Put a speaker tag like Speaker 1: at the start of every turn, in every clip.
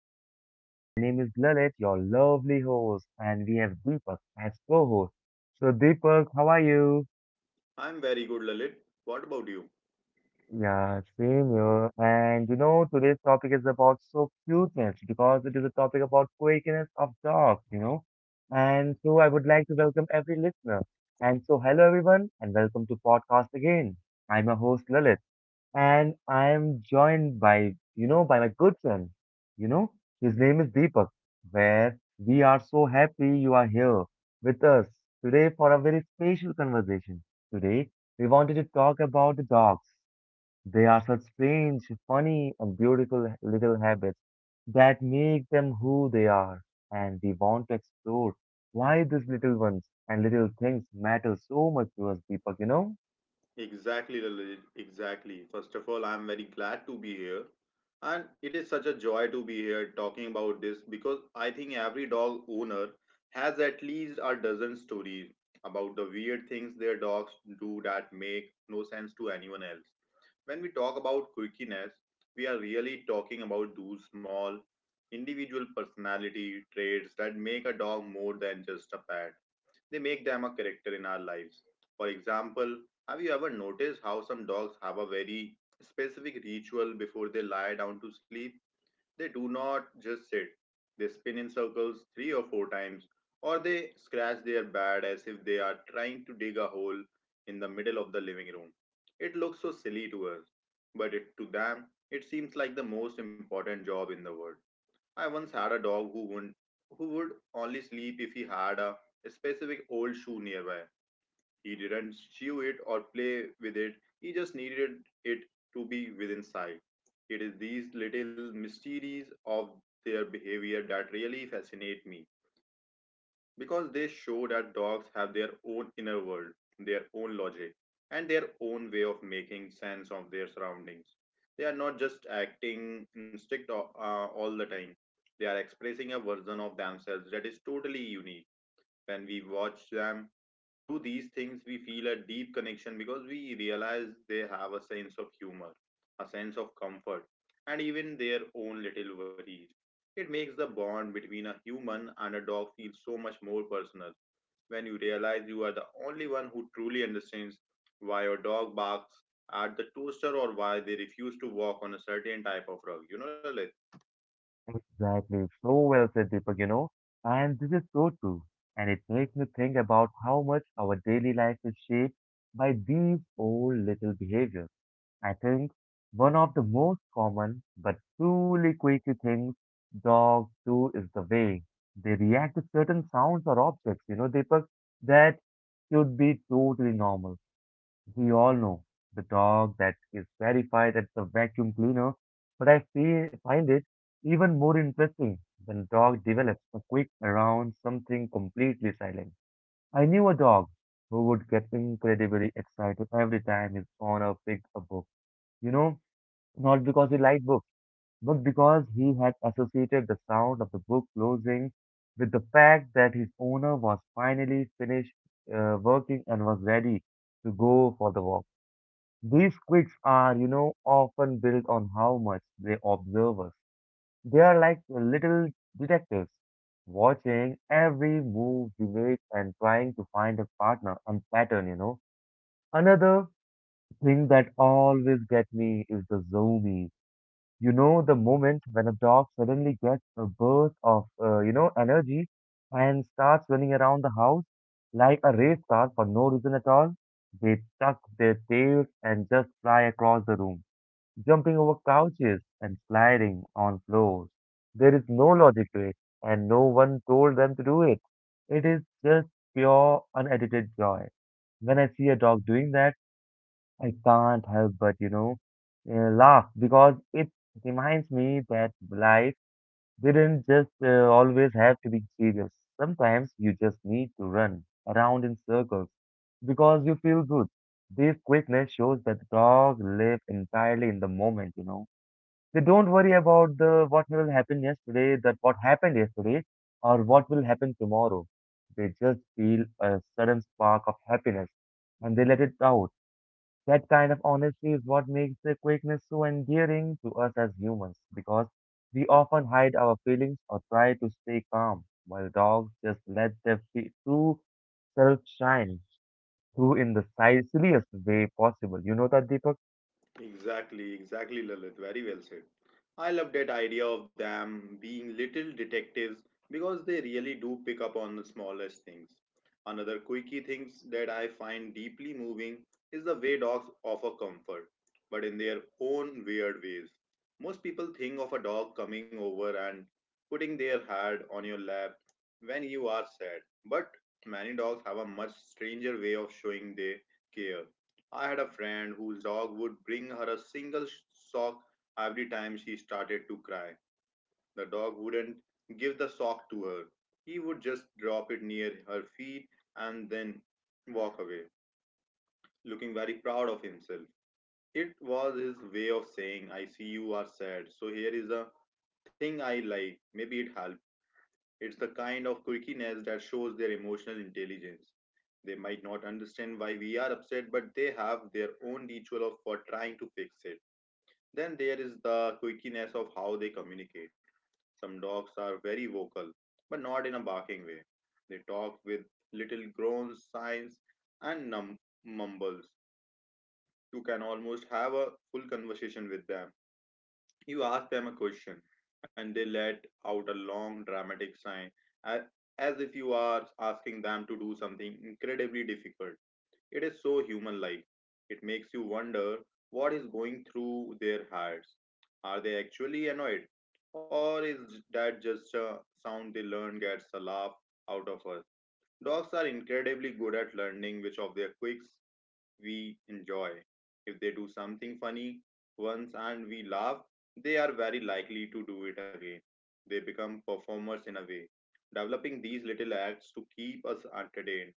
Speaker 1: guys doing? My name is Lalit, your lovely host, and we have Deepak as co-host. So, Deepak, how are you?
Speaker 2: I'm very good, Lalit. What about you?
Speaker 1: Yeah, same here. And today's topic is about so cuteness because it is a topic about quirkiness of dogs. And so, I would like to welcome every listener. And so, hello everyone, and welcome to podcast again. I'm your host Lalit. And I am joined by, by my good friend. You know, his name is Deepak, where we are so happy you are here with us today for a very special conversation. Today, we wanted to talk about the dogs. They are such strange, funny, and beautiful little habits that make them who they are. And we want to explore why these little ones and little things matter so much to us, Deepak?
Speaker 2: Exactly, Lalit. Exactly. First of all, I'm very glad to be here. And it is such a joy to be here talking about this because I think every dog owner has at least a dozen stories about the weird things their dogs do that make no sense to anyone else. When we talk about quirkiness, we are really talking about those small individual personality traits that make a dog more than just a pet. They make them a character in our lives. For example, have you ever noticed how some dogs have a very specific ritual before they lie down to sleep? They do not just sit, they spin in circles three or four times, or they scratch their bed as if they are trying to dig a hole in the middle of the living room. It looks so silly to us, but it, to them, it seems like the most important job in the world. I once had a dog who wouldn't, who would only sleep if he had a specific old shoe nearby. He didn't chew it or play with it. He just needed it to be within sight. It is these little mysteries of their behavior that really fascinate me because they show that dogs have their own inner world, their own logic, and their own way of making sense of their surroundings. They are not just acting instinct all the time, they are expressing a version of themselves that is totally unique. When we watch them do these things, we feel a deep connection because we realize they have a sense of humor, a sense of comfort, and even their own little worries. It makes the bond between a human and a dog feel so much more personal when you realize you are the only one who truly understands why your dog barks at the toaster or why they refuse to walk on a certain type of rug.
Speaker 1: Exactly. So well said, Deepak, and this is so true. And it makes me think about how much our daily life is shaped by these old little behaviors. I think one of the most common but truly quirky things dogs do is the way they react to certain sounds or objects, Deepak, that should be totally normal. We all know the dog that is terrified at the vacuum cleaner, but I feel, find it even more interesting when dog develops a quick around something completely silent. I knew a dog who would get incredibly excited every time his owner picked a book. You know, not because he liked books, but because he had associated the sound of the book closing with the fact that his owner was finally finished working and was ready to go for the walk. These quirks are, often built on how much they observe us. They are like little detectives, watching every move we make and trying to find a partner and pattern. Another thing that always gets me is the zoomies. You know, the moment when a dog suddenly gets a burst of, energy and starts running around the house like a race car for no reason at all, they tuck their tails and just fly across the room jumping over couches and sliding on floors. There is no logic to it, and no one told them to do it. It is just pure, unedited joy. When I see a dog doing that, I can't help but laugh because it reminds me that life didn't just always have to be serious. Sometimes you just need to run around in circles because you feel good. This quickness shows that the dog live entirely in the moment, you know. They don't worry about the what will happen yesterday, that what happened yesterday, or what will happen tomorrow. They just feel a sudden spark of happiness and they let it out. That kind of honesty is what makes the quickness so endearing to us as humans because we often hide our feelings or try to stay calm, while dogs just let their true self shine through in the silliest way possible. You know that, Deepak?
Speaker 2: Exactly, exactly, Lalit. Very well said. I love that idea of them being little detectives because they really do pick up on the smallest things. Another quirky things that I find deeply moving is the way dogs offer comfort, but in their own weird ways. Most people think of a dog coming over and putting their head on your lap when you are sad, but many dogs have a much stranger way of showing their care. I had a friend whose dog would bring her a single sock every time she started to cry. The dog wouldn't give the sock to her. He would just drop it near her feet and then walk away, looking very proud of himself. It was his way of saying, I see you are sad, so here is a thing I like. Maybe it helps. It's the kind of quirkiness that shows their emotional intelligence. They might not understand why we are upset, but they have their own ritual for trying to fix it. Then there is the quirkiness of how they communicate. Some dogs are very vocal, but not in a barking way. They talk with little groans, sighs, and mumbles. You can almost have a full conversation with them. You ask them a question, and they let out a long, dramatic sigh, a- as if you are asking them to do something incredibly difficult. It is so human like. It makes you wonder what is going through their heads. Are they actually annoyed? Or is that just a sound they learn gets a laugh out of us? Dogs are incredibly good at learning which of their quirks we enjoy. If they do something funny once and we laugh, they are very likely to do it again. They become performers in a way. Developing these little acts to keep us entertained,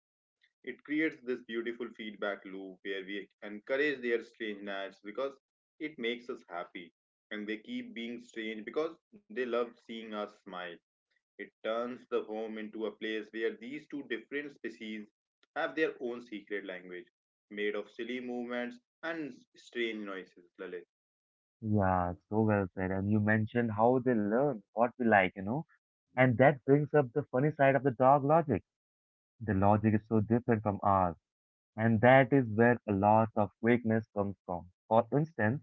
Speaker 2: it creates this beautiful feedback loop where we encourage their strangeness because it makes us happy. And they keep being strange because they love seeing us smile. It turns the home into a place where these two different species have their own secret language, made of silly movements and strange noises, Lalit.
Speaker 1: Yeah, so well said. And you mentioned how they learn what we like, you know. And that brings up the funny side of the dog logic. The logic is so different from ours, and that is where a lot of weakness comes from. For instance,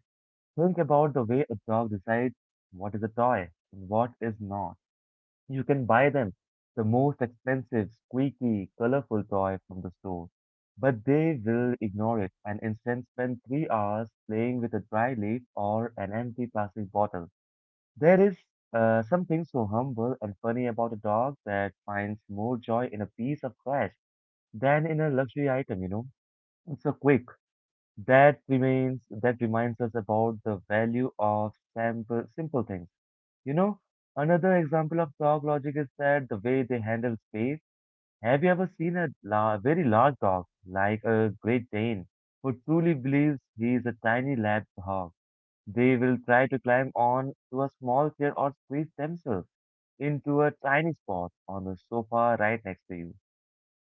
Speaker 1: think about the way a dog decides what is a toy and what is not. You can buy them the most expensive, squeaky, colorful toy from the store, but they will ignore it and instead spend 3 hours playing with a dry leaf or an empty plastic bottle. There is something so humble and funny about a dog that finds more joy in a piece of trash than in a luxury item, you know. It's so quick. That remains that reminds us about the value of simple things. You know, another example of dog logic is that the way they handle space. Have you ever seen a la very large dog, like a Great Dane, who truly believes he is a tiny lab dog? They will try to climb on to a small chair or squeeze themselves into a tiny spot on the sofa right next to you,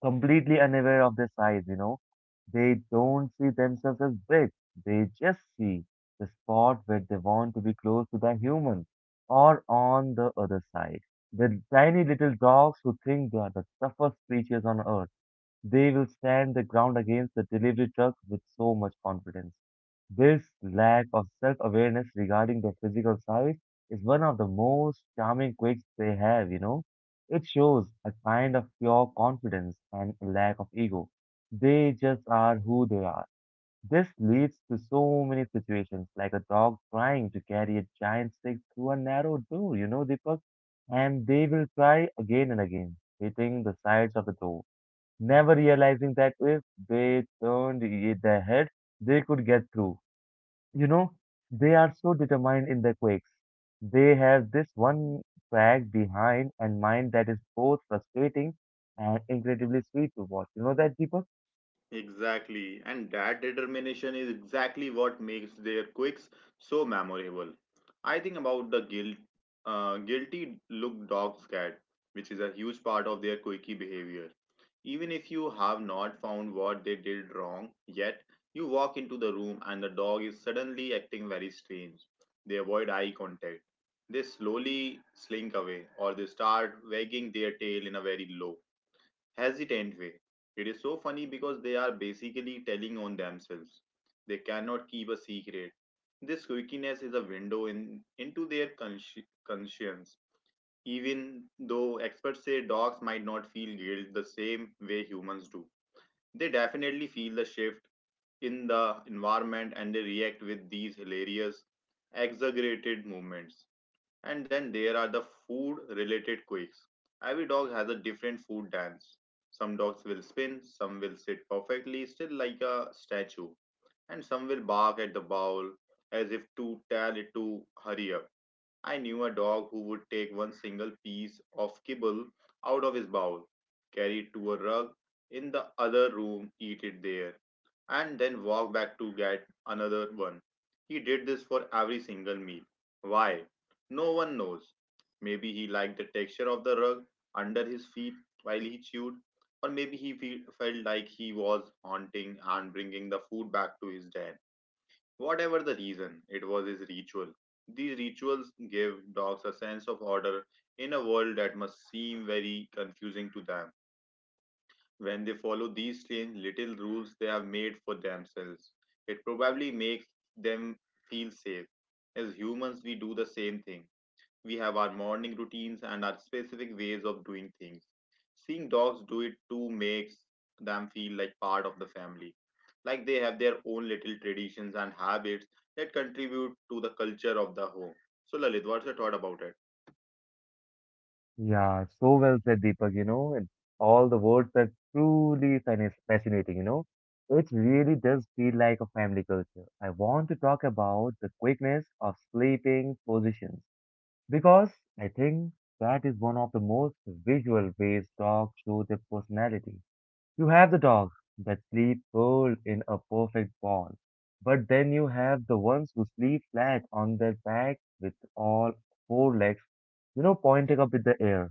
Speaker 1: completely unaware of their size, you know. They don't see themselves as big, they just see the spot where they want to be close to the humans or on the other side. The tiny little dogs who think they are the toughest creatures on earth they will stand the ground against the delivery truck with so much confidence. This lack of self awareness regarding their physical size is one of the most charming quirks they have, you know. It shows a kind of pure confidence and a lack of ego. They just are who they are. This leads to so many situations, like a dog trying to carry a giant stick through a narrow door, you know, Deepak, and they will try again and again, hitting the sides of the door never realizing that if they turned their heads, they could get through. You know, they are so determined in their quakes. They have this one track behind and mind that is both frustrating and incredibly sweet to watch. You know that, Deepak?
Speaker 2: Exactly, and that determination is exactly what makes their quirks so memorable. I think about the guilty look dog's cat, which is a huge part of their quirky behavior. Even if you have not found what they did wrong yet, you walk into the room and the dog is suddenly acting very strange. They avoid eye contact. They slowly slink away or they start wagging their tail in a very low, hesitant way. It is so funny because they are basically telling on themselves. They cannot keep a secret. This squeakiness is a window into their conscience. Even though experts say dogs might not feel guilt the same way humans do, they definitely feel the shift in the environment and they react with these hilarious, exaggerated movements. And then there are the food related quakes. Every dog has a different food dance. Some dogs will spin, some will sit perfectly still like a statue, and some will bark at the bowl as if to tell it to hurry up. I knew a dog who would take one single piece of kibble out of his bowl, carry it to a rug in the other room, eat it there, and then walk back to get another one. He did this for every single meal. Why? No one knows. Maybe he liked the texture of the rug under his feet while he chewed, or maybe he felt like he was haunting and bringing the food back to his den. Whatever the reason, it was his ritual. These rituals give dogs a sense of order in a world that must seem very confusing to them. When they follow these strange little rules they have made for themselves, it probably makes them feel safe. As humans, we do the same thing. We have our morning routines and our specific ways of doing things. Seeing dogs do it too makes them feel like part of the family, like they have their own little traditions and habits that contribute to the culture of the home. So, Lalit, what's your thought about it?
Speaker 1: Yeah, so well said, Deepak, and all the words are truly fascinating, you know. It really does feel like a family culture. I want to talk about the quickness of sleeping positions because I think that is one of the most visual ways dogs show their personality. You have the dogs that sleep curled in a perfect ball, but then you have the ones who sleep flat on their back with all four legs, pointing up in the air.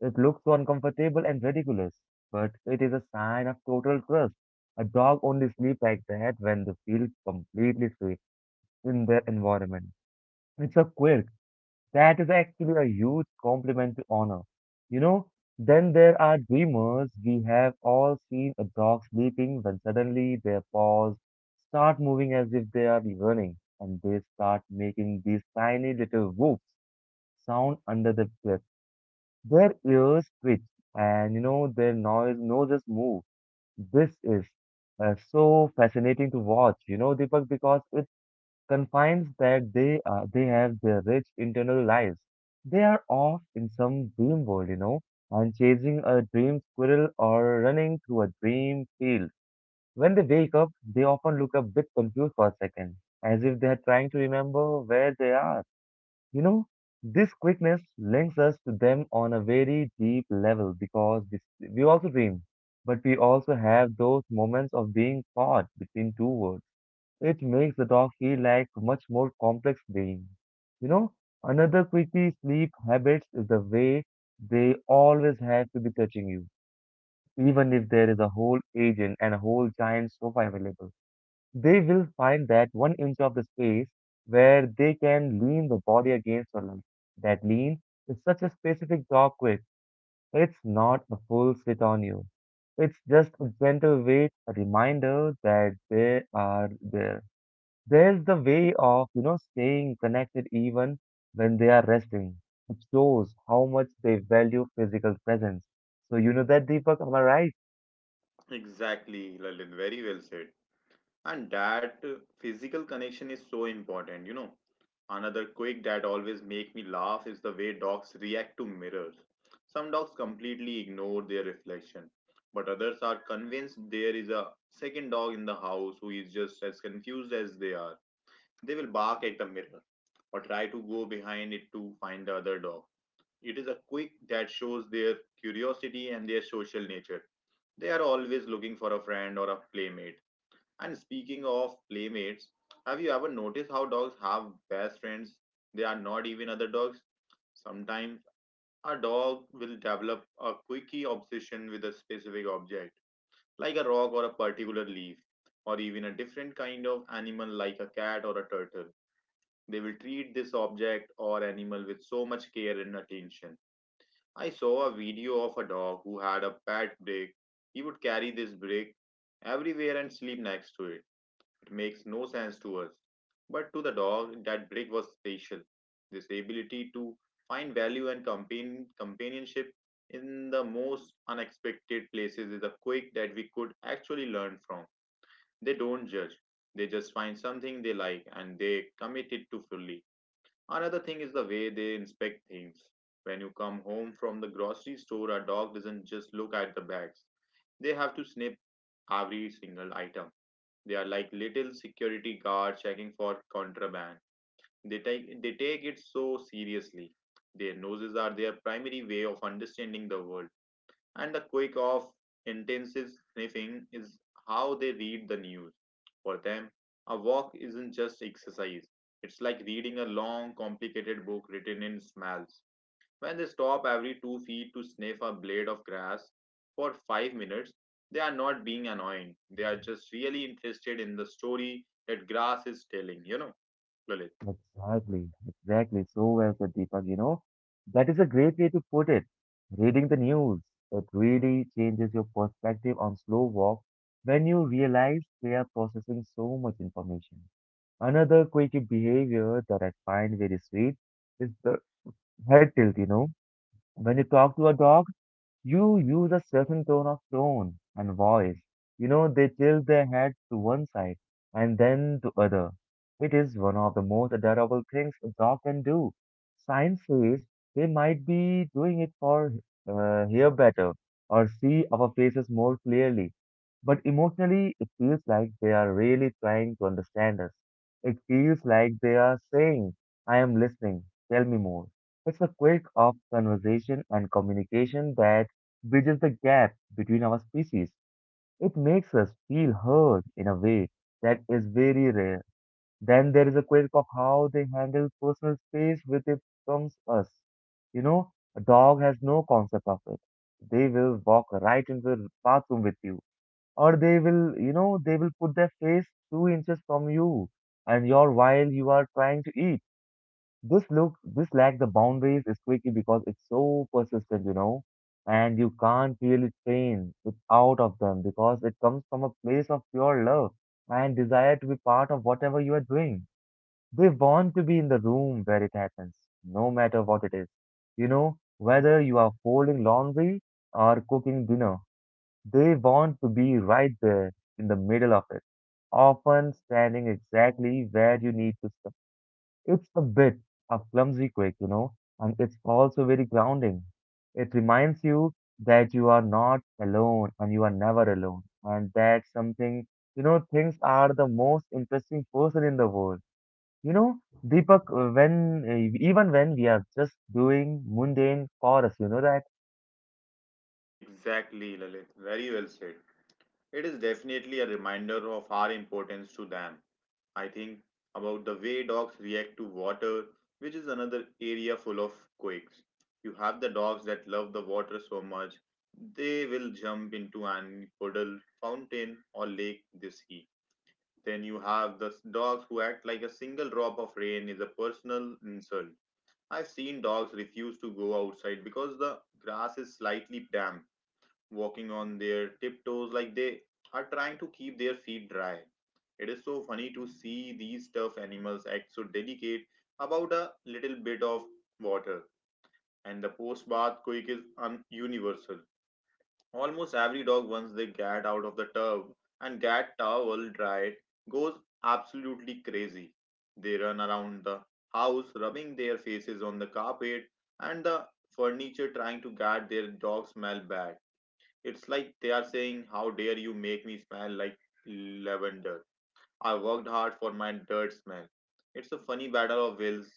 Speaker 1: It looks so uncomfortable and ridiculous, but it is a sign of total trust. A dog only sleeps like that when they feel completely safe in their environment. It's a quirk that is actually a huge compliment to honor. You know, then there are dreamers. We have all seen a dog sleeping when suddenly their paws start moving as if they are running and they start making these tiny little whoops sound under the breath. Their ears twitch and you know their noise noses move. This is so fascinating to watch, you know, Deepak, because confines that they have their rich internal lives. They are off in some dream world, you know, and chasing a dream squirrel or running through a dream field. When they wake up, they often look a bit confused for a second, as if they are trying to remember where they are. You know, this quickness links us to them on a very deep level because we also dream, but we also have those moments of being caught between two worlds it makes the dog feel like much more complex being. You know, another quirky sleep habits is the way they always have to be touching you. Even if there is a whole agent and a whole giant sofa available, they will find that one inch of the space where they can lean the body against your leg. That lean is such a specific dog quirk. It's not a full sit on you. It's just a gentle weight, a reminder that they are there. There's the way of, staying connected even when they are resting. It shows how much they value physical presence. So you know that, Deepak, am I right?
Speaker 2: Exactly, Lalit. Very well said. And that physical connection is so important, you know. Another quick that always make me laugh is the way dogs react to mirrors. Some dogs completely ignore their reflection, but others are convinced there is a second dog in the house who is just as confused as they are. They will bark at the mirror or try to go behind it to find the other dog. It is a quick that shows their curiosity and their social nature. They are always looking for a friend or a playmate. And speaking of playmates, have you ever noticed how dogs have best friends? They are not even other dogs. Sometimes a dog will develop a quickie obsession with a specific object, like a rock or a particular leaf, or even a different kind of animal like a cat or a turtle. They will treat this object or animal with so much care and attention. I saw a video of a dog who had a pet brick. He would carry this brick everywhere and sleep next to it. Makes no sense to us. But to the dog, that break was special. This ability to find value and companionship in the most unexpected places is a quirk that we could actually learn from. They don't judge, they just find something they like and they commit it to fully. Another thing is the way they inspect things. When you come home from the grocery store, a dog doesn't just look at the bags, they have to sniff every single item. They are like little security guards checking for contraband. They take it so seriously. Their noses are their primary way of understanding the world, and the quick of intensive sniffing is how they read the news. For them, a walk isn't just exercise. It's like reading a long, complicated book written in smells. When they stop every 2 feet to sniff a blade of grass for 5 minutes, they are not being annoying. They are just really interested in the story that grass is telling, you know, Lalit.
Speaker 1: Exactly, exactly. So well said, Deepak, you know. That is a great way to put it. Reading the news, it really changes your perspective on slow walk when you realize they are processing so much information. Another quirky behavior that I find very sweet is the head tilt, you know. When you talk to a dog, you use a certain tone of tone and voice. You know, they tilt their head to one side and then to other. It is one of the most adorable things a dog can do. Science says they might be doing it for hear better or see our faces more clearly. But emotionally, it feels like they are really trying to understand us. It feels like they are saying, I am listening, tell me more. It's a quick of conversation and communication that bridges the gap between our species. It makes us feel heard in a way that is very rare. Then there is a quirk of how they handle personal space with it comes us. You know, a dog has no concept of it. They will walk right into the bathroom with you, or they will, you know, they will put their face 2 inches from you and you're while you are trying to eat. This look this lack the boundaries is tricky because it's so persistent, you know, and you can't really train it out of them because it comes from a place of pure love and desire to be part of whatever you are doing. They want to be in the room where it happens, no matter what it is. You know, whether you are folding laundry or cooking dinner, they want to be right there in the middle of it, often standing exactly where you need to. It's a bit of clumsy quake, you know, and it's also very grounding. It reminds you that you are not alone and you are never alone, and that something, you know, things are the most interesting person in the world. You know, Deepak, when even when we are just doing mundane chores, you know that.
Speaker 2: Exactly, Lalit. Very well said. It is definitely a reminder of our importance to them. I think about the way dogs react to water, which is another area full of quakes. You have the dogs that love the water so much, they will jump into any puddle, fountain, or lake they see. Then you have the dogs who act like a single drop of rain is a personal insult. I've seen dogs refuse to go outside because the grass is slightly damp, walking on their tiptoes like they are trying to keep their feet dry. It is so funny to see these stuffed animals act so delicate about a little bit of water. And the post bath quick is universal. Almost every dog, once they get out of the tub and get towel dried, goes absolutely crazy. They run around the house, rubbing their faces on the carpet and the furniture, trying to get their dog smell bad. It's like they are saying, "How dare you make me smell like lavender? I worked hard for my dirt smell." It's a funny battle of wills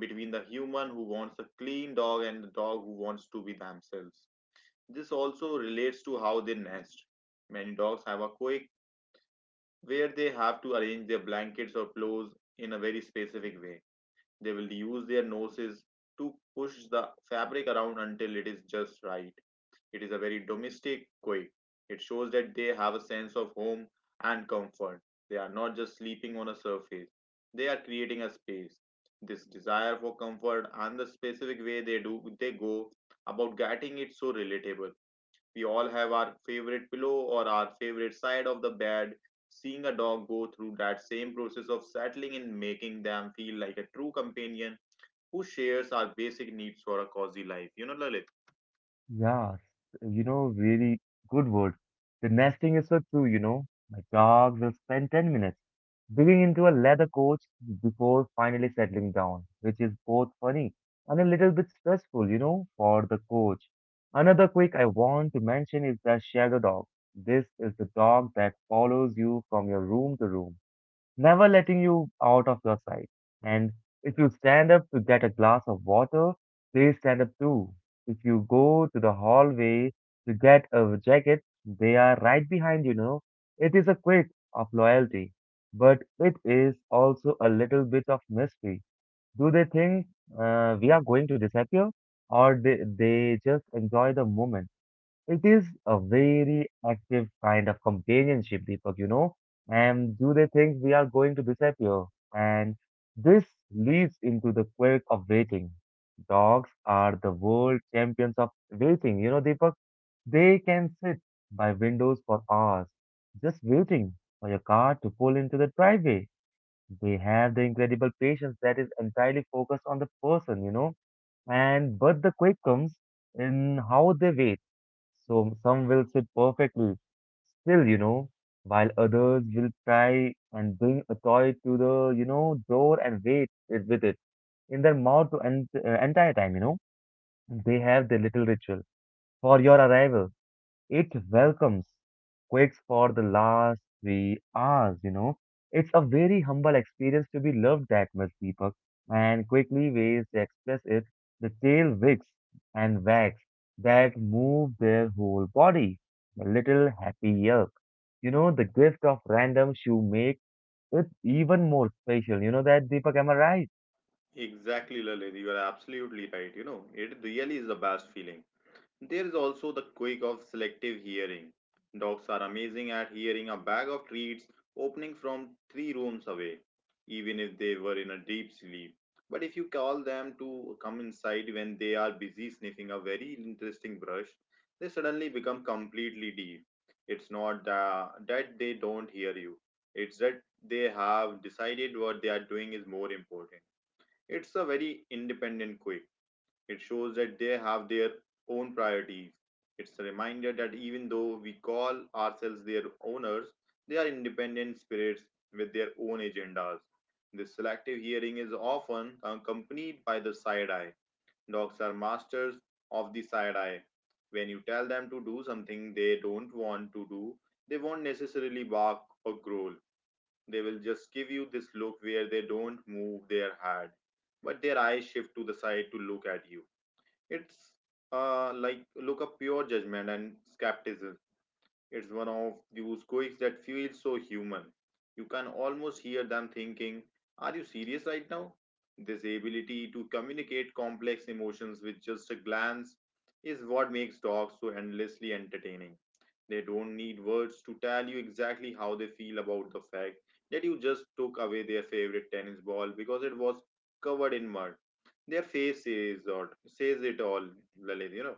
Speaker 2: between the human who wants a clean dog and the dog who wants to be themselves. This also relates to how they nest. Many dogs have a quake where they have to arrange their blankets or pillows in a very specific way. They will use their noses to push the fabric around until it is just right. It is a very domestic quake. It shows that they have a sense of home and comfort. They are not just sleeping on a surface, they are creating a space. This desire for comfort and the specific way they go about getting it so relatable. We all have our favorite pillow or our favorite side of the bed. Seeing a dog go through that same process of settling and making them feel like a true companion who shares our basic needs for a cozy life. You know, Lalit?
Speaker 1: Yeah, you know, really good word. The nesting is so true, you know. My dog will spend 10 minutes digging into a leather coach before finally settling down, which is both funny and a little bit stressful, you know, for the coach. Another quick I want to mention is the shadow dog. This is the dog that follows you from your room to room, never letting you out of your sight. And if you stand up to get a glass of water, they stand up too. If you go to the hallway to get a jacket, they are right behind you know. It is a quid of loyalty, but it is also a little bit of mystery. Do they think we are going to disappear, or they just enjoy the moment? It is a very active kind of companionship, Deepak, you know. And do they think we are going to disappear? And this leads into the quirk of waiting. Dogs are the world champions of waiting, you know, Deepak. They can sit by windows for hours, just waiting for your car to pull into the driveway. They have the incredible patience that is entirely focused on the person, you know. And but the quirk comes in how they wait. So some will sit perfectly still, you know, while others will try and bring a toy to the, you know, door and wait it with it in their mouth to entire time, you know. They have their little ritual for your arrival. It welcomes quakes for the last 3 hours, you know. It's a very humble experience to be loved that much, Deepak. And quickly ways to express it, the tail wicks and wags that move their whole body. The little happy yerk. You know, the gift of random shoe make it even more special. You know that, Deepak, am I right?
Speaker 2: Exactly, Lalit. You are absolutely right. You know, it really is the best feeling. There is also the quirk of selective hearing. Dogs are amazing at hearing a bag of treats opening from three rooms away, even if they were in a deep sleep. But if you call them to come inside when they are busy sniffing a very interesting brush, they suddenly become completely deaf. It's not that they don't hear you, it's that they have decided what they are doing is more important. It's a very independent quake. It shows that they have their own priorities. It's a reminder that even though we call ourselves their owners, they are independent spirits with their own agendas. This selective hearing is often accompanied by the side eye. Dogs are masters of the side eye. When you tell them to do something they don't want to do, they won't necessarily bark or growl. They will just give you this look where they don't move their head, but their eyes shift to the side to look at you. It's like look of pure judgment and skepticism. It's one of those quirks that feel so human. You can almost hear them thinking, "Are you serious right now?" This ability to communicate complex emotions with just a glance is what makes dogs so endlessly entertaining. They don't need words to tell you exactly how they feel about the fact that you just took away their favorite tennis ball because it was covered in mud. Their face says, or says it all, Lalit, you know.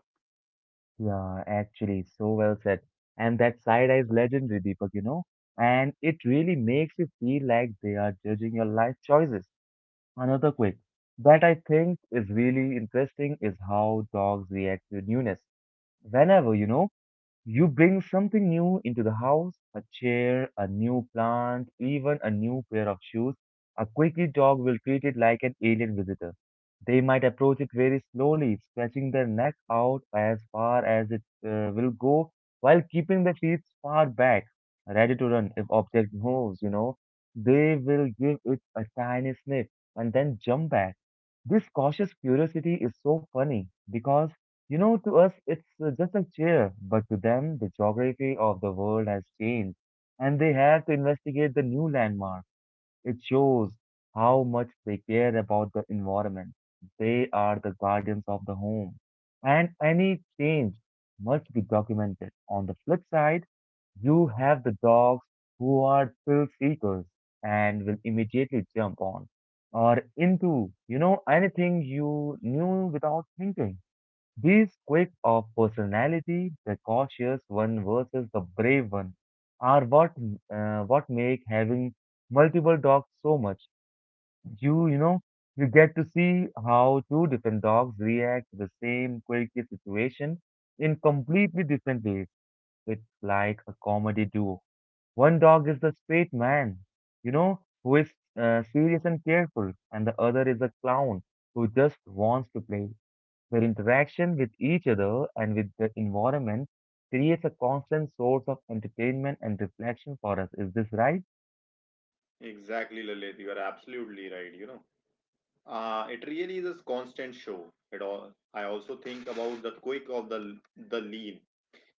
Speaker 1: Yeah, actually, so well said. And that side eye is legendary, Deepak, you know? And it really makes you feel like they are judging your life choices. Another quick that I think is really interesting is how dogs react to newness. Whenever, you know, you bring something new into the house, a chair, a new plant, even a new pair of shoes. A quirky dog will treat it like an alien visitor. They might approach it very slowly, stretching their neck out as far as it will go, while keeping their feet far back, ready to run if object moves, you know. They will give it a tiny sniff and then jump back. This cautious curiosity is so funny because, you know, to us, it's just a chair, but to them, the geography of the world has changed, and they have to investigate the new landmark. It shows how much they care about the environment. They are the guardians of the home, and any change must be documented. On the flip side, you have the dogs who are thrill seekers and will immediately jump on or into, you know, anything you knew without thinking. These quirks of personality, the cautious one versus the brave one, are what make having multiple dogs so much. You know, you get to see how two different dogs react to the same quirky situation in completely different ways. It's like a comedy duo. One dog is the straight man, you know, who is serious and careful, and the other is a clown who just wants to play. Their interaction with each other and with the environment creates a constant source of entertainment and reflection for us. Is this right?
Speaker 2: Exactly, Lalit. You are absolutely right. You know, it really is a constant show. It all. I also think about the quick of the lean.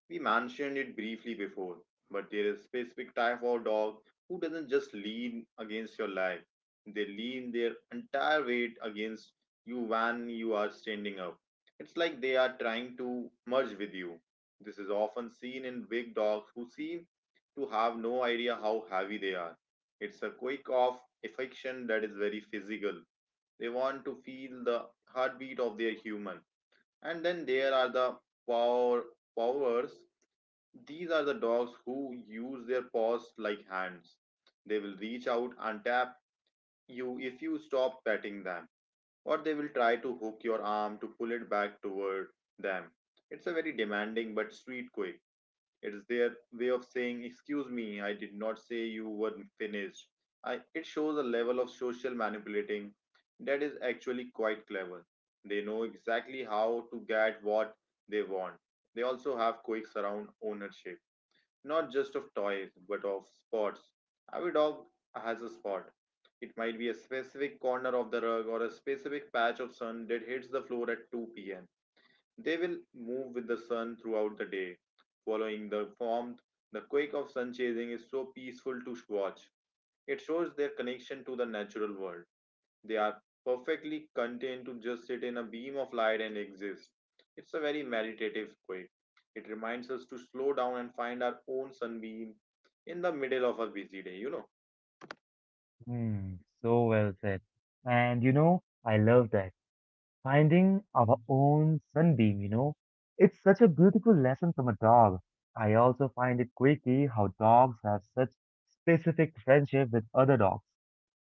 Speaker 2: We mentioned it briefly before, but there is a specific type of dog who doesn't just lean against your leg. They lean their entire weight against you when you are standing up. It's like they are trying to merge with you. This is often seen in big dogs who seem to have no idea how heavy they are. It's a quake of affection that is very physical. They want to feel the heartbeat of their human. And then there are the power powers. These are the dogs who use their paws like hands. They will reach out and tap you if you stop petting them, or they will try to hook your arm to pull it back toward them. It's a very demanding but sweet quip. It is their way of saying, "Excuse me, I did not say you were finished." It shows a level of social manipulating that is actually quite clever. They know exactly how to get what they want. They also have quirks around ownership, not just of toys but of spots. Every dog has a spot. It might be a specific corner of the rug or a specific patch of sun that hits the floor at 2 pm. They will move with the sun throughout the day, following the warmth. The quake of sun chasing is so peaceful to watch. It shows their connection to the natural world. They are perfectly content to just sit in a beam of light and exist. It's a very meditative quake. It reminds us to slow down and find our own sunbeam in the middle of a busy day, you know.
Speaker 1: Hmm, so well said. And you know, I love that. Finding our own sunbeam, you know, it's such a beautiful lesson from a dog. I also find it quirky how dogs have such specific friendship with other dogs.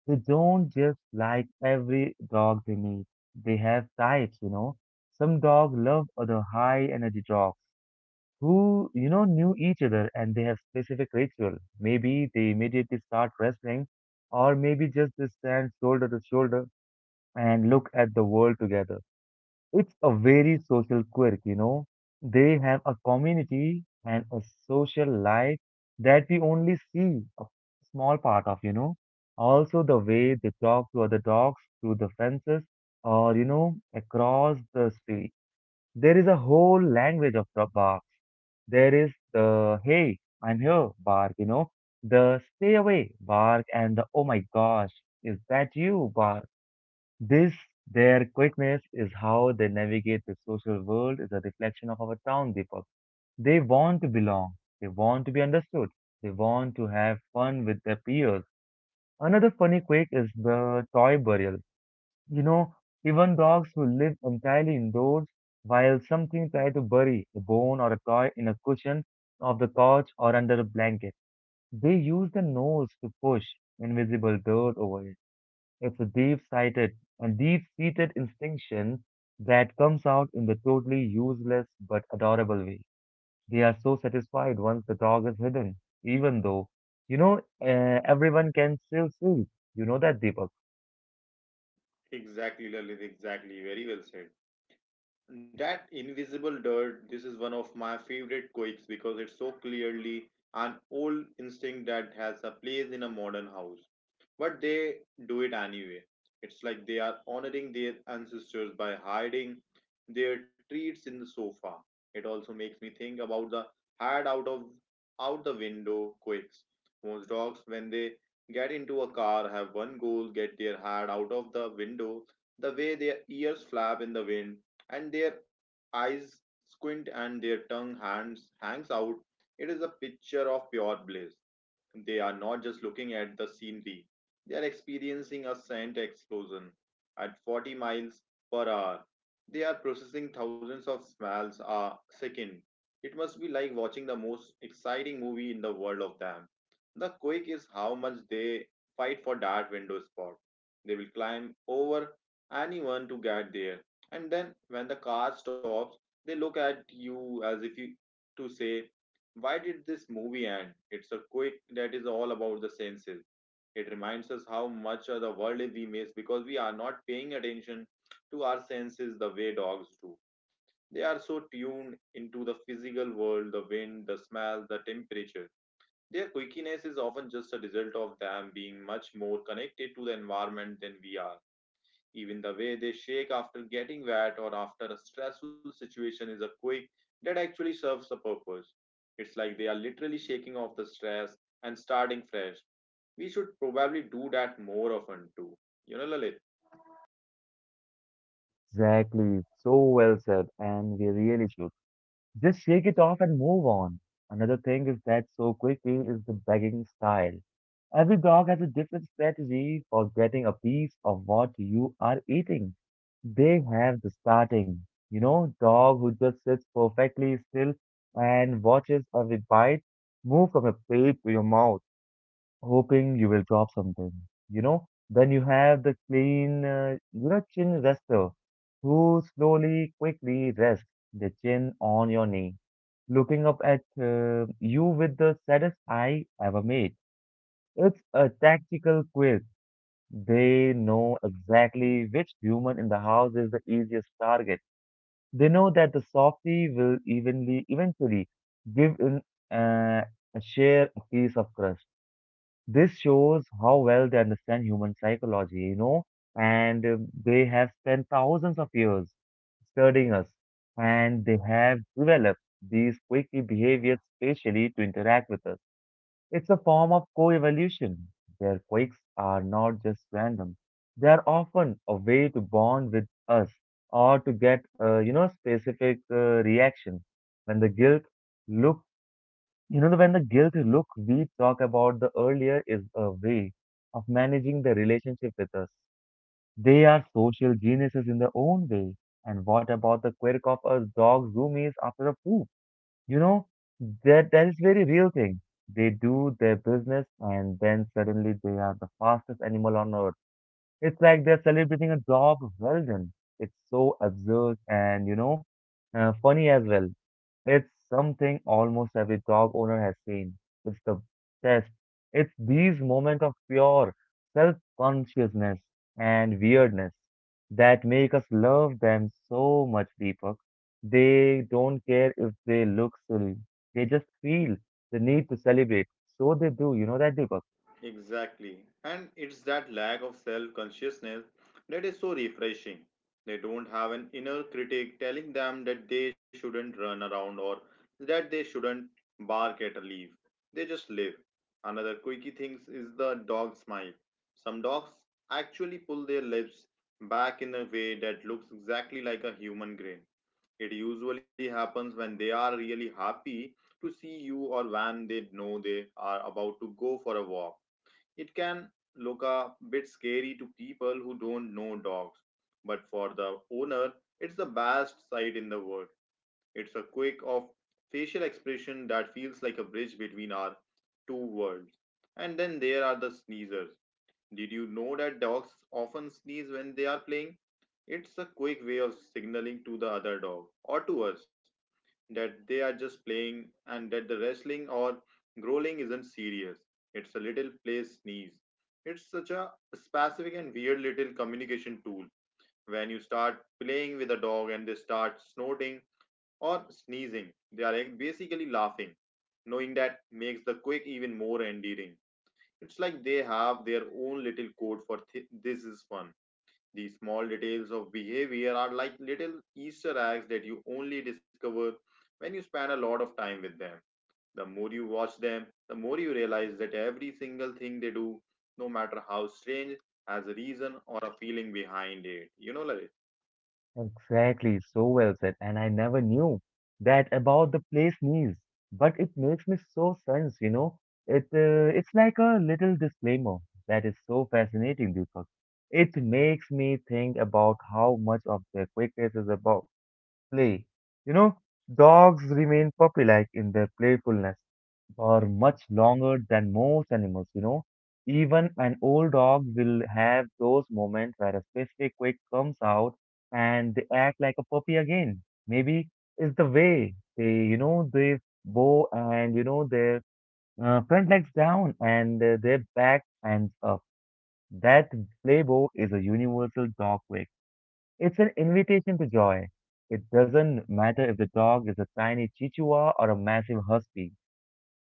Speaker 1: They don't just like every dog they meet. They have types, you know. Some dogs love other high energy dogs who, you know, knew each other and they have specific ritual. Maybe they immediately start wrestling, or maybe just they stand shoulder to shoulder and look at the world together. It's a very social quirk, you know. They have a community and a social life that we only see a small part of, you know. Also, the way they talk to other dogs through the fences or, you know, across the street. There is a whole language of the bark. There is the hey, I'm here bark, you know, the stay away bark, and the oh my gosh, is that you bark? This, their quickness, is how they navigate the social world is a reflection of our town, Deepak. They want to belong. They want to be understood. They want to have fun with their peers. Another funny quirk is the toy burial. You know, even dogs who live entirely indoors while something try to bury a bone or a toy in a cushion of the couch or under a blanket. They use the nose to push invisible dirt over it. It's a deep-sighted and deep-seated instinction that comes out in the totally useless but adorable way. They are so satisfied once the dog is hidden, even though, you know, everyone can still see. You know that, Deepak?
Speaker 2: Exactly, Lalit, exactly. Very well said. That invisible dirt, this is one of my favorite quakes because it's so clearly an old instinct that has a place in a modern house. But they do it anyway. It's like they are honoring their ancestors by hiding their treats in the sofa. It also makes me think about the hide out of out the window quakes. Most dogs, when they get into a car, have one goal: get their head out of the window. The way their ears flap in the wind and their eyes squint and their tongue hands hangs out. It is a picture of pure bliss. They are not just looking at the scenery, they are experiencing a scent explosion at 40 miles per hour. They are processing thousands of smells a second. It must be like watching the most exciting movie in the world of them. The quake is how much they fight for that window spot. They will climb over anyone to get there. And then when the car stops, they look at you as if you to say, "Why did this movie end?" It's a quick that is all about the senses. It reminds us how much of the world we miss because we are not paying attention to our senses the way dogs do. They are so tuned into the physical world, the wind, the smell, the temperature. Their quickiness is often just a result of them being much more connected to the environment than we are. Even the way they shake after getting wet or after a stressful situation is a quick that actually serves a purpose. It's like they are literally shaking off the stress and starting fresh. We should probably do that more often too. You know, Lalit?
Speaker 1: Exactly. So well said. And we really should. Just shake it off and move on. Another thing is that so quickly is the begging style. Every dog has a different strategy for getting a piece of what you are eating. They have the starting, you know, dog who just sits perfectly still and watches every bite move from your plate to your mouth, hoping you will drop something, you know. Then you have the clean, you know, chin rester who slowly, quickly rests the chin on your knee, looking up at you with the saddest eye ever made. It's a tactical quiz. They know exactly which human in the house is the easiest target. They know that the softie will eventually give in, uh, a share a piece of crust. This shows how well they understand human psychology, you know, and they have spent thousands of years studying us, and they have developed these quirky behaviors specially to interact with us. It's a form of co-evolution. Their quirks are not just random; they are often a way to bond with us or to get, you know, specific reaction. When the guilt look when the guilt look we talk about the earlier is a way of managing the relationship with us. They are social geniuses in their own way. And what about the quirk of a dog zoomies after a poop? You know, that is very real thing. They do their business and then suddenly they are the fastest animal on earth. It's like they're celebrating a job well done. It's so absurd and, you know, funny as well. It's something almost every dog owner has seen. It's the best. It's these moments of pure self-consciousness and weirdness that make us love them so much, Deepak. They don't care if they look silly. They just feel the need to celebrate. So they do. You know that, Deepak?
Speaker 2: Exactly. And it's that lack of self consciousness that is so refreshing. They don't have an inner critic telling them that they shouldn't run around or that they shouldn't bark at a leaf. They just live. Another quirky thing is the dog smile. Some dogs actually pull their lips back in a way that looks exactly like a human grin. It usually happens when they are really happy to see you or when they know they are about to go for a walk. It can look a bit scary to people who don't know dogs, but for the owner, it's the best sight in the world. It's a quick of facial expression that feels like a bridge between our two worlds. And then there are the sneezers. Did you know that dogs often sneeze when they are playing? It's a quick way of signaling to the other dog or to us that they are just playing and that the wrestling or growling isn't serious. It's a little play sneeze. It's such a specific and weird little communication tool. When you start playing with a dog and they start snorting or sneezing, they are like basically laughing, knowing that makes the quake even more endearing. It's like they have their own little code for this is fun. These small details of behavior are like little Easter eggs that you only discover when you spend a lot of time with them. The more you watch them, the more you realize that every single thing they do, no matter how strange, has a reason or a feeling behind it. You know, Lalit?
Speaker 1: Exactly, so well said, and I never knew that about the place knees, but it makes me so sense, you know. It's like a little disclaimer that is so fascinating, Deepak. It makes me think about how much of their quickness is about play. You know, dogs remain puppy-like in their playfulness for much longer than most animals, you know. Even an old dog will have those moments where a specific quirk comes out and they act like a puppy again. Maybe it's the way they, you know, they bow, and, you know, their front legs down and their back ends up. That playbow is a universal dog quirk. It's an invitation to joy. It doesn't matter if the dog is a tiny chihuahua or a massive husky,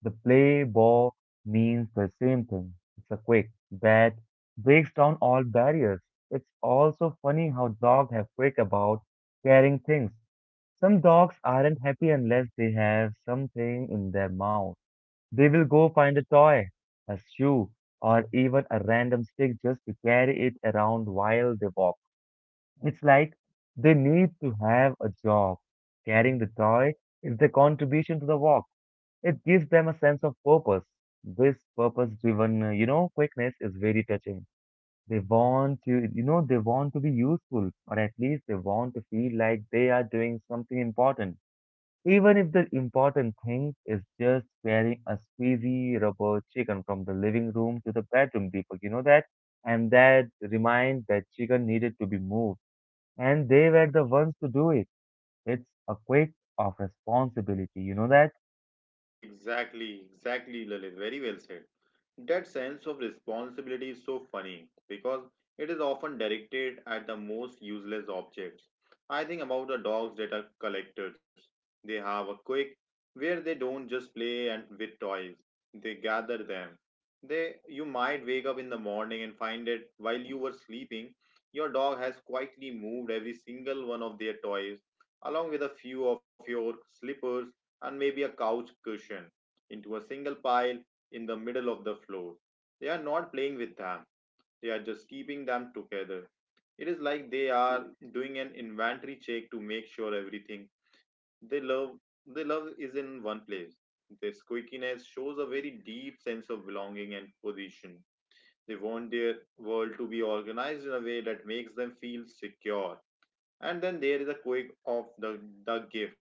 Speaker 1: the play ball means the same thing. It's a quick that breaks down all barriers. It's also funny how dogs have quick about carrying things. Some dogs aren't happy unless they have something in their mouth. They will go find a toy, a shoe, or even a random stick just to carry it around while they walk. It's like they need to have a job. Carrying the toy is their contribution to the walk. It gives them a sense of purpose. This purpose-driven quickness is very touching. They want to, they want to be useful, or at least they want to feel like they are doing something important, even if the important thing is just carrying a squeezy rubber chicken from the living room to the bedroom, Deepak. You know that, and that remind that chicken needed to be moved, and they were the ones to do it. It's a quick of responsibility. You know that.
Speaker 2: Exactly, exactly, Lalit. Very well said. That sense of responsibility is so funny because it is often directed at the most useless objects. I think about the dogs that are collectors. They have a quick where they don't just play and with toys. They gather them. They you might wake up in the morning and find that while you were sleeping, your dog has quietly moved every single one of their toys, along with a few of your slippers and maybe a couch cushion, into a single pile in the middle of the floor. They are not playing with them, they are just keeping them together. It is like they are doing an inventory check to make sure everything they love they love is in one place. This squeakiness shows a very deep sense of belonging and position. They want their world to be organized in a way that makes them feel secure. And then there is a quake of the gift.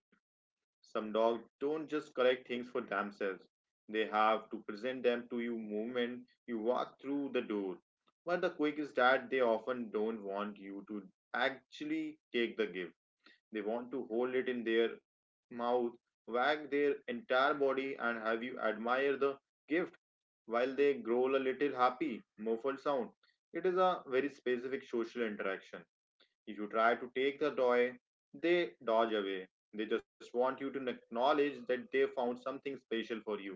Speaker 2: Some dogs don't just collect things for themselves. They have to present them to you moment you walk through the door. But the quick is that they often don't want you to actually take the gift. They want to hold it in their mouth, wag their entire body, and have you admire the gift while they growl a little happy, muffled sound. It is a very specific social interaction if you try to take the toy, they dodge away. They just want you to acknowledge that they found something special for you.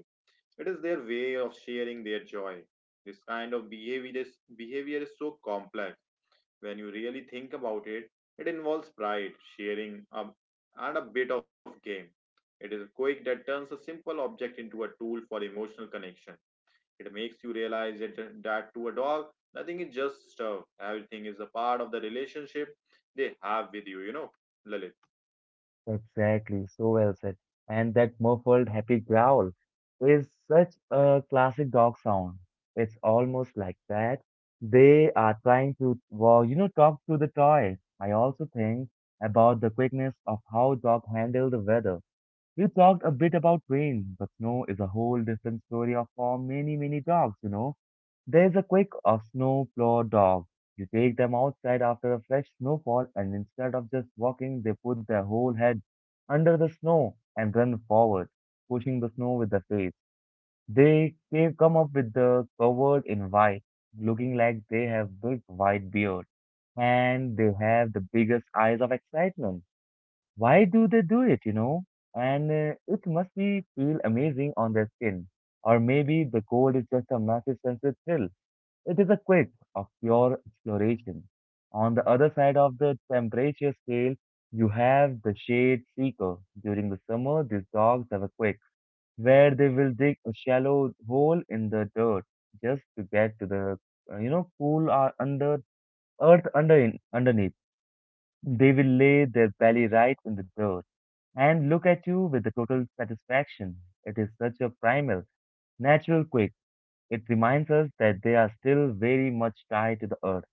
Speaker 2: It is their way of sharing their joy. This kind of behavior is so complex. When you really think about it, it involves pride, sharing, a, and a bit of game. It is a quirk that turns a simple object into a tool for emotional connection. It makes you realize that to a dog, nothing is just stuff. Everything is a part of the relationship they have with you, you know, Lalit.
Speaker 1: Exactly, so well said. And that muffled happy growl is such a classic dog sound. It's almost like that. They are trying to, talk to the toy. I also think about the quickness of how dog handle the weather. We talked a bit about rain, but snow is a whole different story of for many, many dogs, you know. There's a quick of snow plow dog. You take them outside after a fresh snowfall, and instead of just walking, they put their whole head under the snow and run forward, pushing the snow with their face. They come up with the covered in white, looking like they have big white beard, and they have the biggest eyes of excitement. Why do they do it, you know? And it must be feel amazing on their skin. Or maybe the cold is just a massive sensory thrill. It is a quest of pure exploration. On the other side of the temperature scale, you have the shade seeker. During the summer, these dogs have a quest where they will dig a shallow hole in the dirt just to get to the cool under earth underneath. They will lay their belly right in the dirt and look at you with the total satisfaction. It is such a primal, natural quake. It reminds us that they are still very much tied to the earth.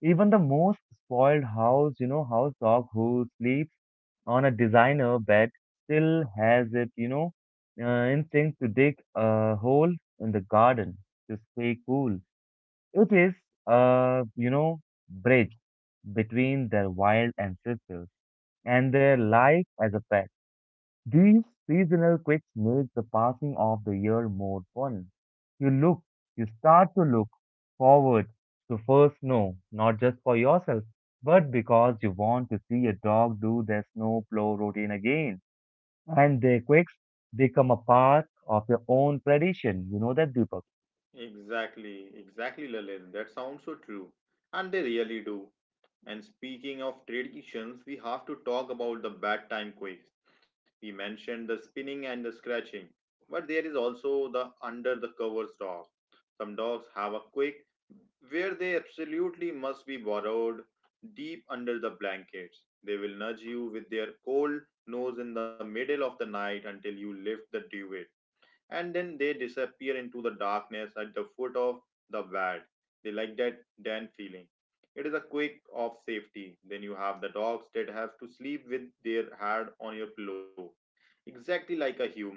Speaker 1: Even the most spoiled house dog who sleeps on a designer bed still has it instinct to dig a hole in the garden to stay cool. It is, a bridge between their wild ancestors and their life as a pet. These seasonal quicks make the passing of the year more fun. You look, you start to look forward to first snow, not just for yourself, but because you want to see a dog do their snow plow routine again. And their quicks become a part of your own tradition. You know that, Deepak.
Speaker 2: Exactly, exactly, Lalit. That sounds so true. And they really do. And speaking of traditions, we have to talk about the bad time quakes. We mentioned the spinning and the scratching, but there is also the under the covers dog. Some dogs have a quake where they absolutely must be burrowed deep under the blankets. They will nudge you with their cold nose in the middle of the night until you lift the duvet and then they disappear into the darkness at the foot of the bed. They like that den feeling. It is a quick of safety. Then you have the dogs that have to sleep with their head on your pillow, exactly like a human.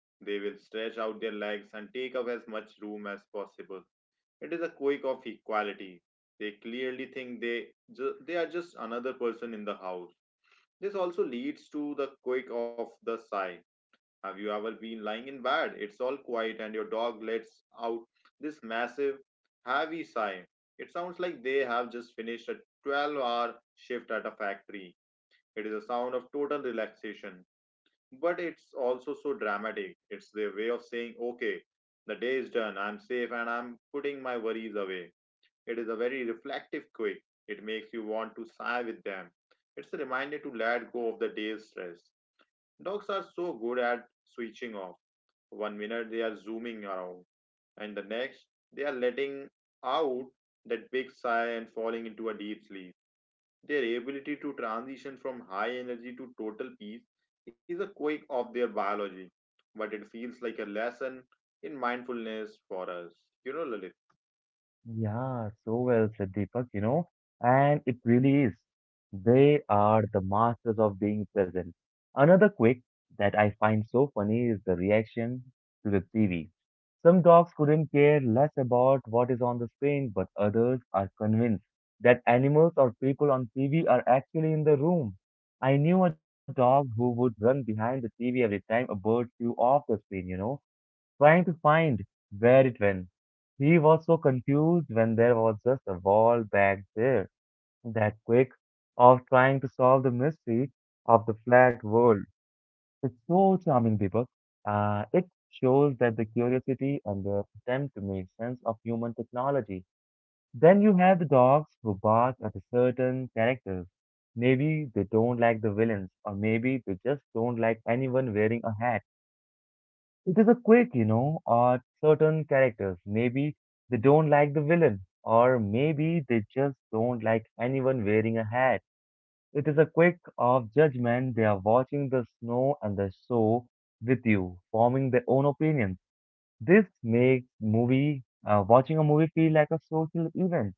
Speaker 2: They will stretch out their legs and take up as much room as possible. It is a quake of equality. They clearly think they are just another person in the house. This also leads to the quake of the sigh. Have you ever been lying in bed? It's all quiet, and your dog lets out this massive, heavy sigh. It sounds like they have just finished a 12-hour hour shift at a factory. It is a sound of total relaxation, but it's also so dramatic. It's their way of saying, okay, the day is done, I'm safe, and I'm putting my worries away. It is a very reflective quake. It makes you want to sigh with them. It's a reminder to let go of the day's stress. Dogs are so good at switching off. One minute they are zooming around, and the next they are letting out that big sigh and falling into a deep sleep. Their ability to transition from high energy to total peace is a quirk of their biology, but it feels like a lesson in mindfulness for us. You know, Lalit?
Speaker 1: Yeah, so well said, Deepak, you know, and it really is. They are the masters of being present. Another quick that I find so funny is the reaction to the TV. Some dogs couldn't care less about what is on the screen, but others are convinced that animals or people on TV are actually in the room. I knew a dog who would run behind the TV every time a bird flew off the screen, you know, trying to find where it went. He was so confused when there was just a wall back there. That quick of trying to solve the mystery of the flat world. It's so charming, Deepak. It shows that the curiosity and the attempt to make sense of human technology. Then you have the dogs who bark at a certain characters. Maybe they don't like the villains, or maybe they just don't like anyone wearing a hat. It is a quick, you know, at certain characters. Maybe they don't like the villain, or maybe they just don't like anyone wearing a hat. It is a quick of judgment. They are watching the snow and the show with you, forming their own opinions. This makes movie watching a movie feel like a social event.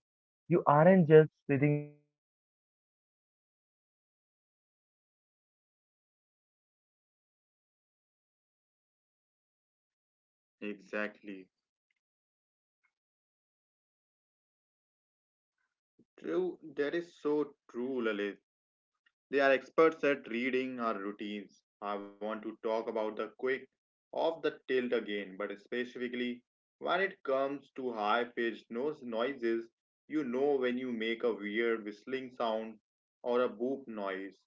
Speaker 1: You aren't just sitting alone. You are sitting with the critics, you know.
Speaker 2: Exactly. True, that is so true, Lalit. They are experts at reading our routines. I want to talk about the quick off the tilt again, but specifically when it comes to high pitched nose noises, you know when you make a weird whistling sound or a boop noise,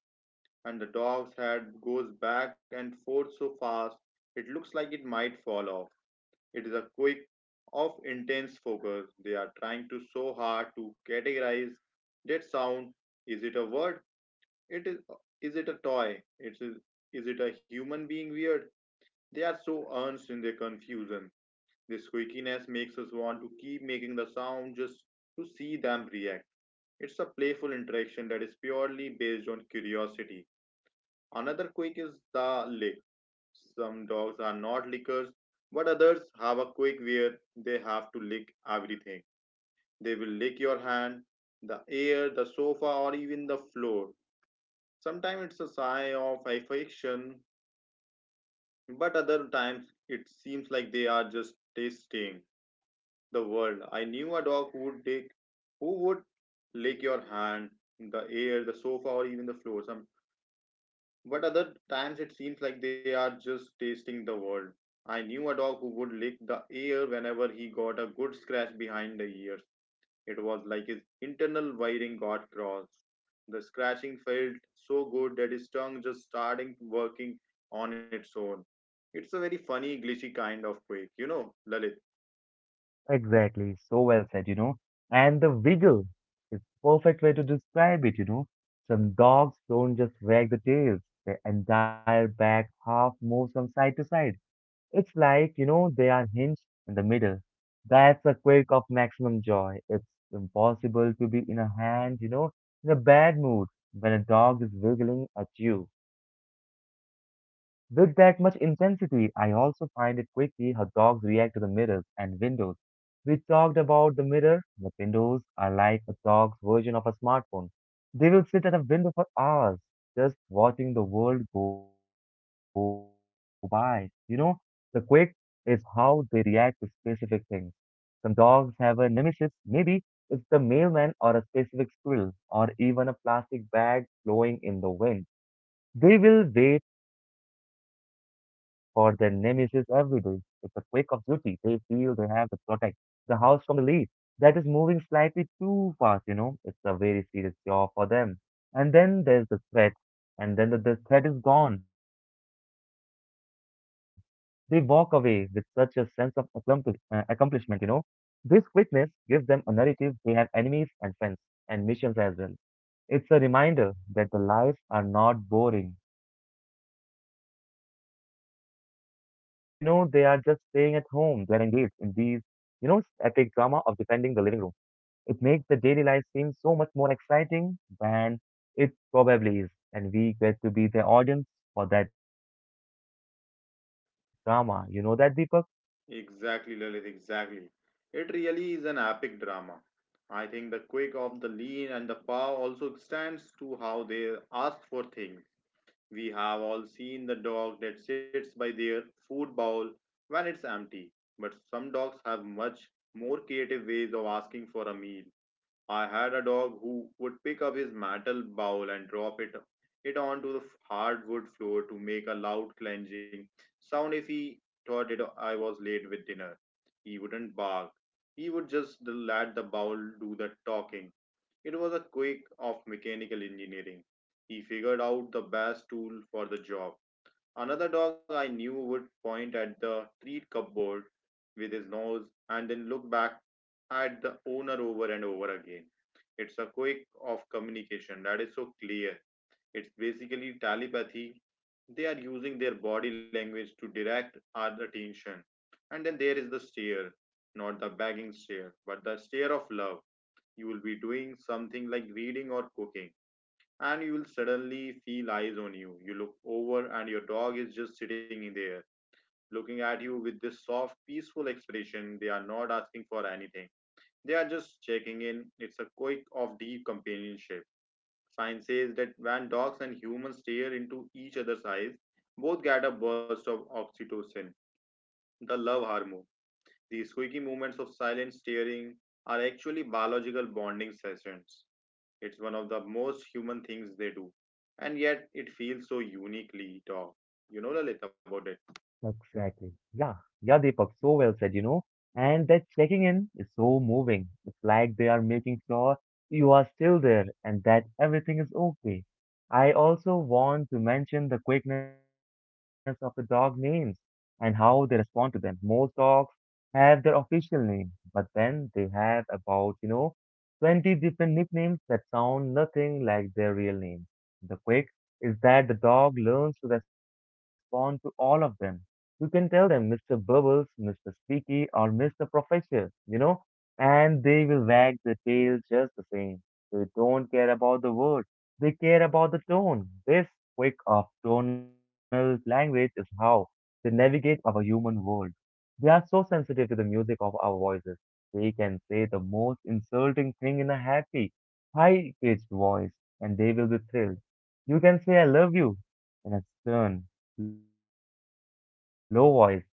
Speaker 2: and the dog's head goes back and forth so fast it looks like it might fall off. It is a quick of intense focus. They are trying to so hard to categorize that sound. Is it a word? It is. Is it a toy? It is. Is it a human being? Weird. They are so earnest in their confusion. This quickiness makes us want to keep making the sound just to see them react. It's a playful interaction that is purely based on curiosity. Another quick is the lick. Some dogs are not lickers, but others have a quick where they have to lick everything. They will lick your hand, the air, the sofa, or even the floor. Sometimes it's a sign of affection, but other times it seems like they are just tasting the world. I knew a dog who would lick your hand, the air, the sofa, or even the floor. Some but other times it seems like they are just tasting the world. I knew a dog who would lick the air whenever he got a good scratch behind the ears. It was like his internal wiring got crossed. The scratching felt so good that his tongue just started working on its own. It's a very funny, glitchy kind of quake, you know, Lalit.
Speaker 1: Exactly, so well said, you know. And the wiggle is perfect way to describe it, you know. Some dogs don't just wag the tails, their entire back half moves from side to side. It's like, you know, they are hinged in the middle. That's a quirk of maximum joy. It's impossible to be in a hand, you know, in a bad mood when a dog is wiggling at you. With that much intensity, I also find it quickly how dogs react to the mirrors and windows. We talked about the mirror, but windows are like a dog's version of a smartphone. They will sit at a window for hours, just watching the world go by. You know, the quick is how they react to specific things. Some dogs have a nemesis. Maybe it's the mailman or a specific squirrel or even a plastic bag blowing in the wind. They will wait for their nemesis every day. It's a quake of duty. They feel they have to protect the house from the lead that is moving slightly too fast, you know. It's a very serious job for them. And then there's the threat, and then the threat is gone. They walk away with such a sense of accomplishment, you know. This quickness gives them a narrative. They have enemies and friends and missions as well. It's a reminder that the lives are not boring. When, you know, they are just staying at home, they are engaged in these, you know, epic drama of defending the living room. It makes the daily life seem so much more exciting than it probably is. And we get to be the audience for that drama. You know that, Deepak?
Speaker 2: Exactly, Lalit, exactly. It really is an epic drama. I think the quick of the lean and the paw also stands to how they ask for things. We have all seen the dog that sits by their food bowl when it's empty, but some dogs have much more creative ways of asking for a meal. I had a dog who would pick up his metal bowl and drop it onto the hardwood floor to make a loud clanking sound if he thought it I was late with dinner. He wouldn't bark. He would just let the bowl do the talking. It was a quirk of mechanical engineering. He figured out the best tool for the job. Another dog I knew would point at the treat cupboard with his nose and then look back at the owner over and over again. It's a quirk of communication that is so clear it's basically telepathy. They are using their body language to direct our attention. And then there is the stare, not the begging stare, but the stare of love. You will be doing something like reading or cooking, and you will suddenly feel eyes on you. You look over, and your dog is just sitting in there, looking at you with this soft, peaceful expression. They are not asking for anything, they are just checking in. It's a quick of deep companionship. Science says that when dogs and humans stare into each other's eyes, both get a burst of oxytocin, the love hormone. These squeaky moments of silent staring are actually biological bonding sessions. It's one of the most human things they do. And yet it feels so uniquely dog. You know Lalit about it.
Speaker 1: Exactly. Yeah. Yeah, Deepak, so well said, you know. And that checking in is so moving. It's like they are making sure you are still there and that everything is okay. I also want to mention the quickness of the dog names and how they respond to them. Most dogs have their official name, but then they have about, you know, 20 different nicknames that sound nothing like their real names. The quick is that the dog learns to respond to all of them. You can tell them Mr. Bubbles, Mr. Squeaky, or Mr. Professor, you know, and they will wag the tail just the same. They don't care about the word, they care about the tone. This quick of tonal language is how they navigate our human world. They are so sensitive to the music of our voices. They can say the most insulting thing in a happy, high pitched voice, and they will be thrilled. You can say I love you in a stern, low voice, and they will tuck their tail.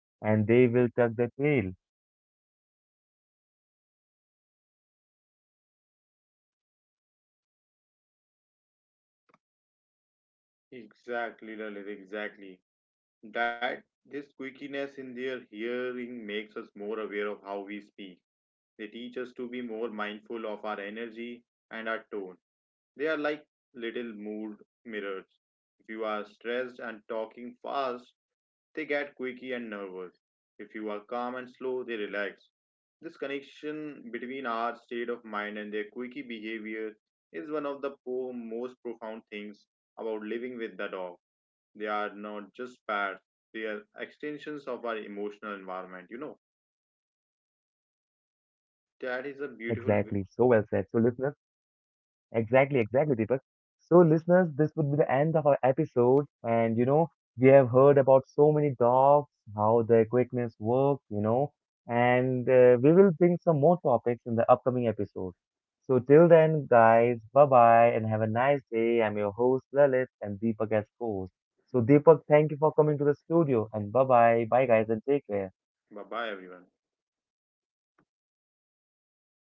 Speaker 1: You know, this quickness is their hearing makes more aware of, you know, how we speak. They teach us to be more mindful of our energy.
Speaker 2: Exactly, Lalit,
Speaker 1: And
Speaker 2: exactly.
Speaker 1: the thing is,
Speaker 2: That
Speaker 1: if you
Speaker 2: this
Speaker 1: are calm
Speaker 2: squeakiness
Speaker 1: and
Speaker 2: in
Speaker 1: slow,
Speaker 2: their
Speaker 1: relaxed,
Speaker 2: hearing
Speaker 1: they
Speaker 2: makes us
Speaker 1: connect.
Speaker 2: more
Speaker 1: They
Speaker 2: aware of
Speaker 1: aren't
Speaker 2: how
Speaker 1: just
Speaker 2: we
Speaker 1: pets,
Speaker 2: speak.
Speaker 1: they are
Speaker 2: They
Speaker 1: extension
Speaker 2: teach
Speaker 1: of
Speaker 2: us
Speaker 1: our
Speaker 2: to be
Speaker 1: emotional
Speaker 2: more
Speaker 1: environment.
Speaker 2: mindful
Speaker 1: You
Speaker 2: of
Speaker 1: you
Speaker 2: our
Speaker 1: know that, Deepak?
Speaker 2: energy and our tone. They are like little mood mirrors. If you are stressed and talking fast, they get quirky and nervous. If you are calm and slow, they relax. This connection between our state of mind and their quirky behavior is one of the most profound things about living with the dog. They are not just pets, they are extensions of our emotional environment. You know,
Speaker 1: Exactly. So
Speaker 2: that
Speaker 1: well
Speaker 2: is a
Speaker 1: said. So
Speaker 2: beautiful.
Speaker 1: listeners, exactly, exactly, Deepak. So, listeners, this would be the end of our episode. And, you know, we have heard about so many dogs, how their quickness works, you know, and we will bring some more topics in the upcoming episode. So, till then, guys, bye bye and have a nice day. I'm your host, Lalit, and Deepak as host. So, Deepak, thank you for coming to the studio and bye bye. Bye, guys, and take care.
Speaker 2: Bye bye, everyone.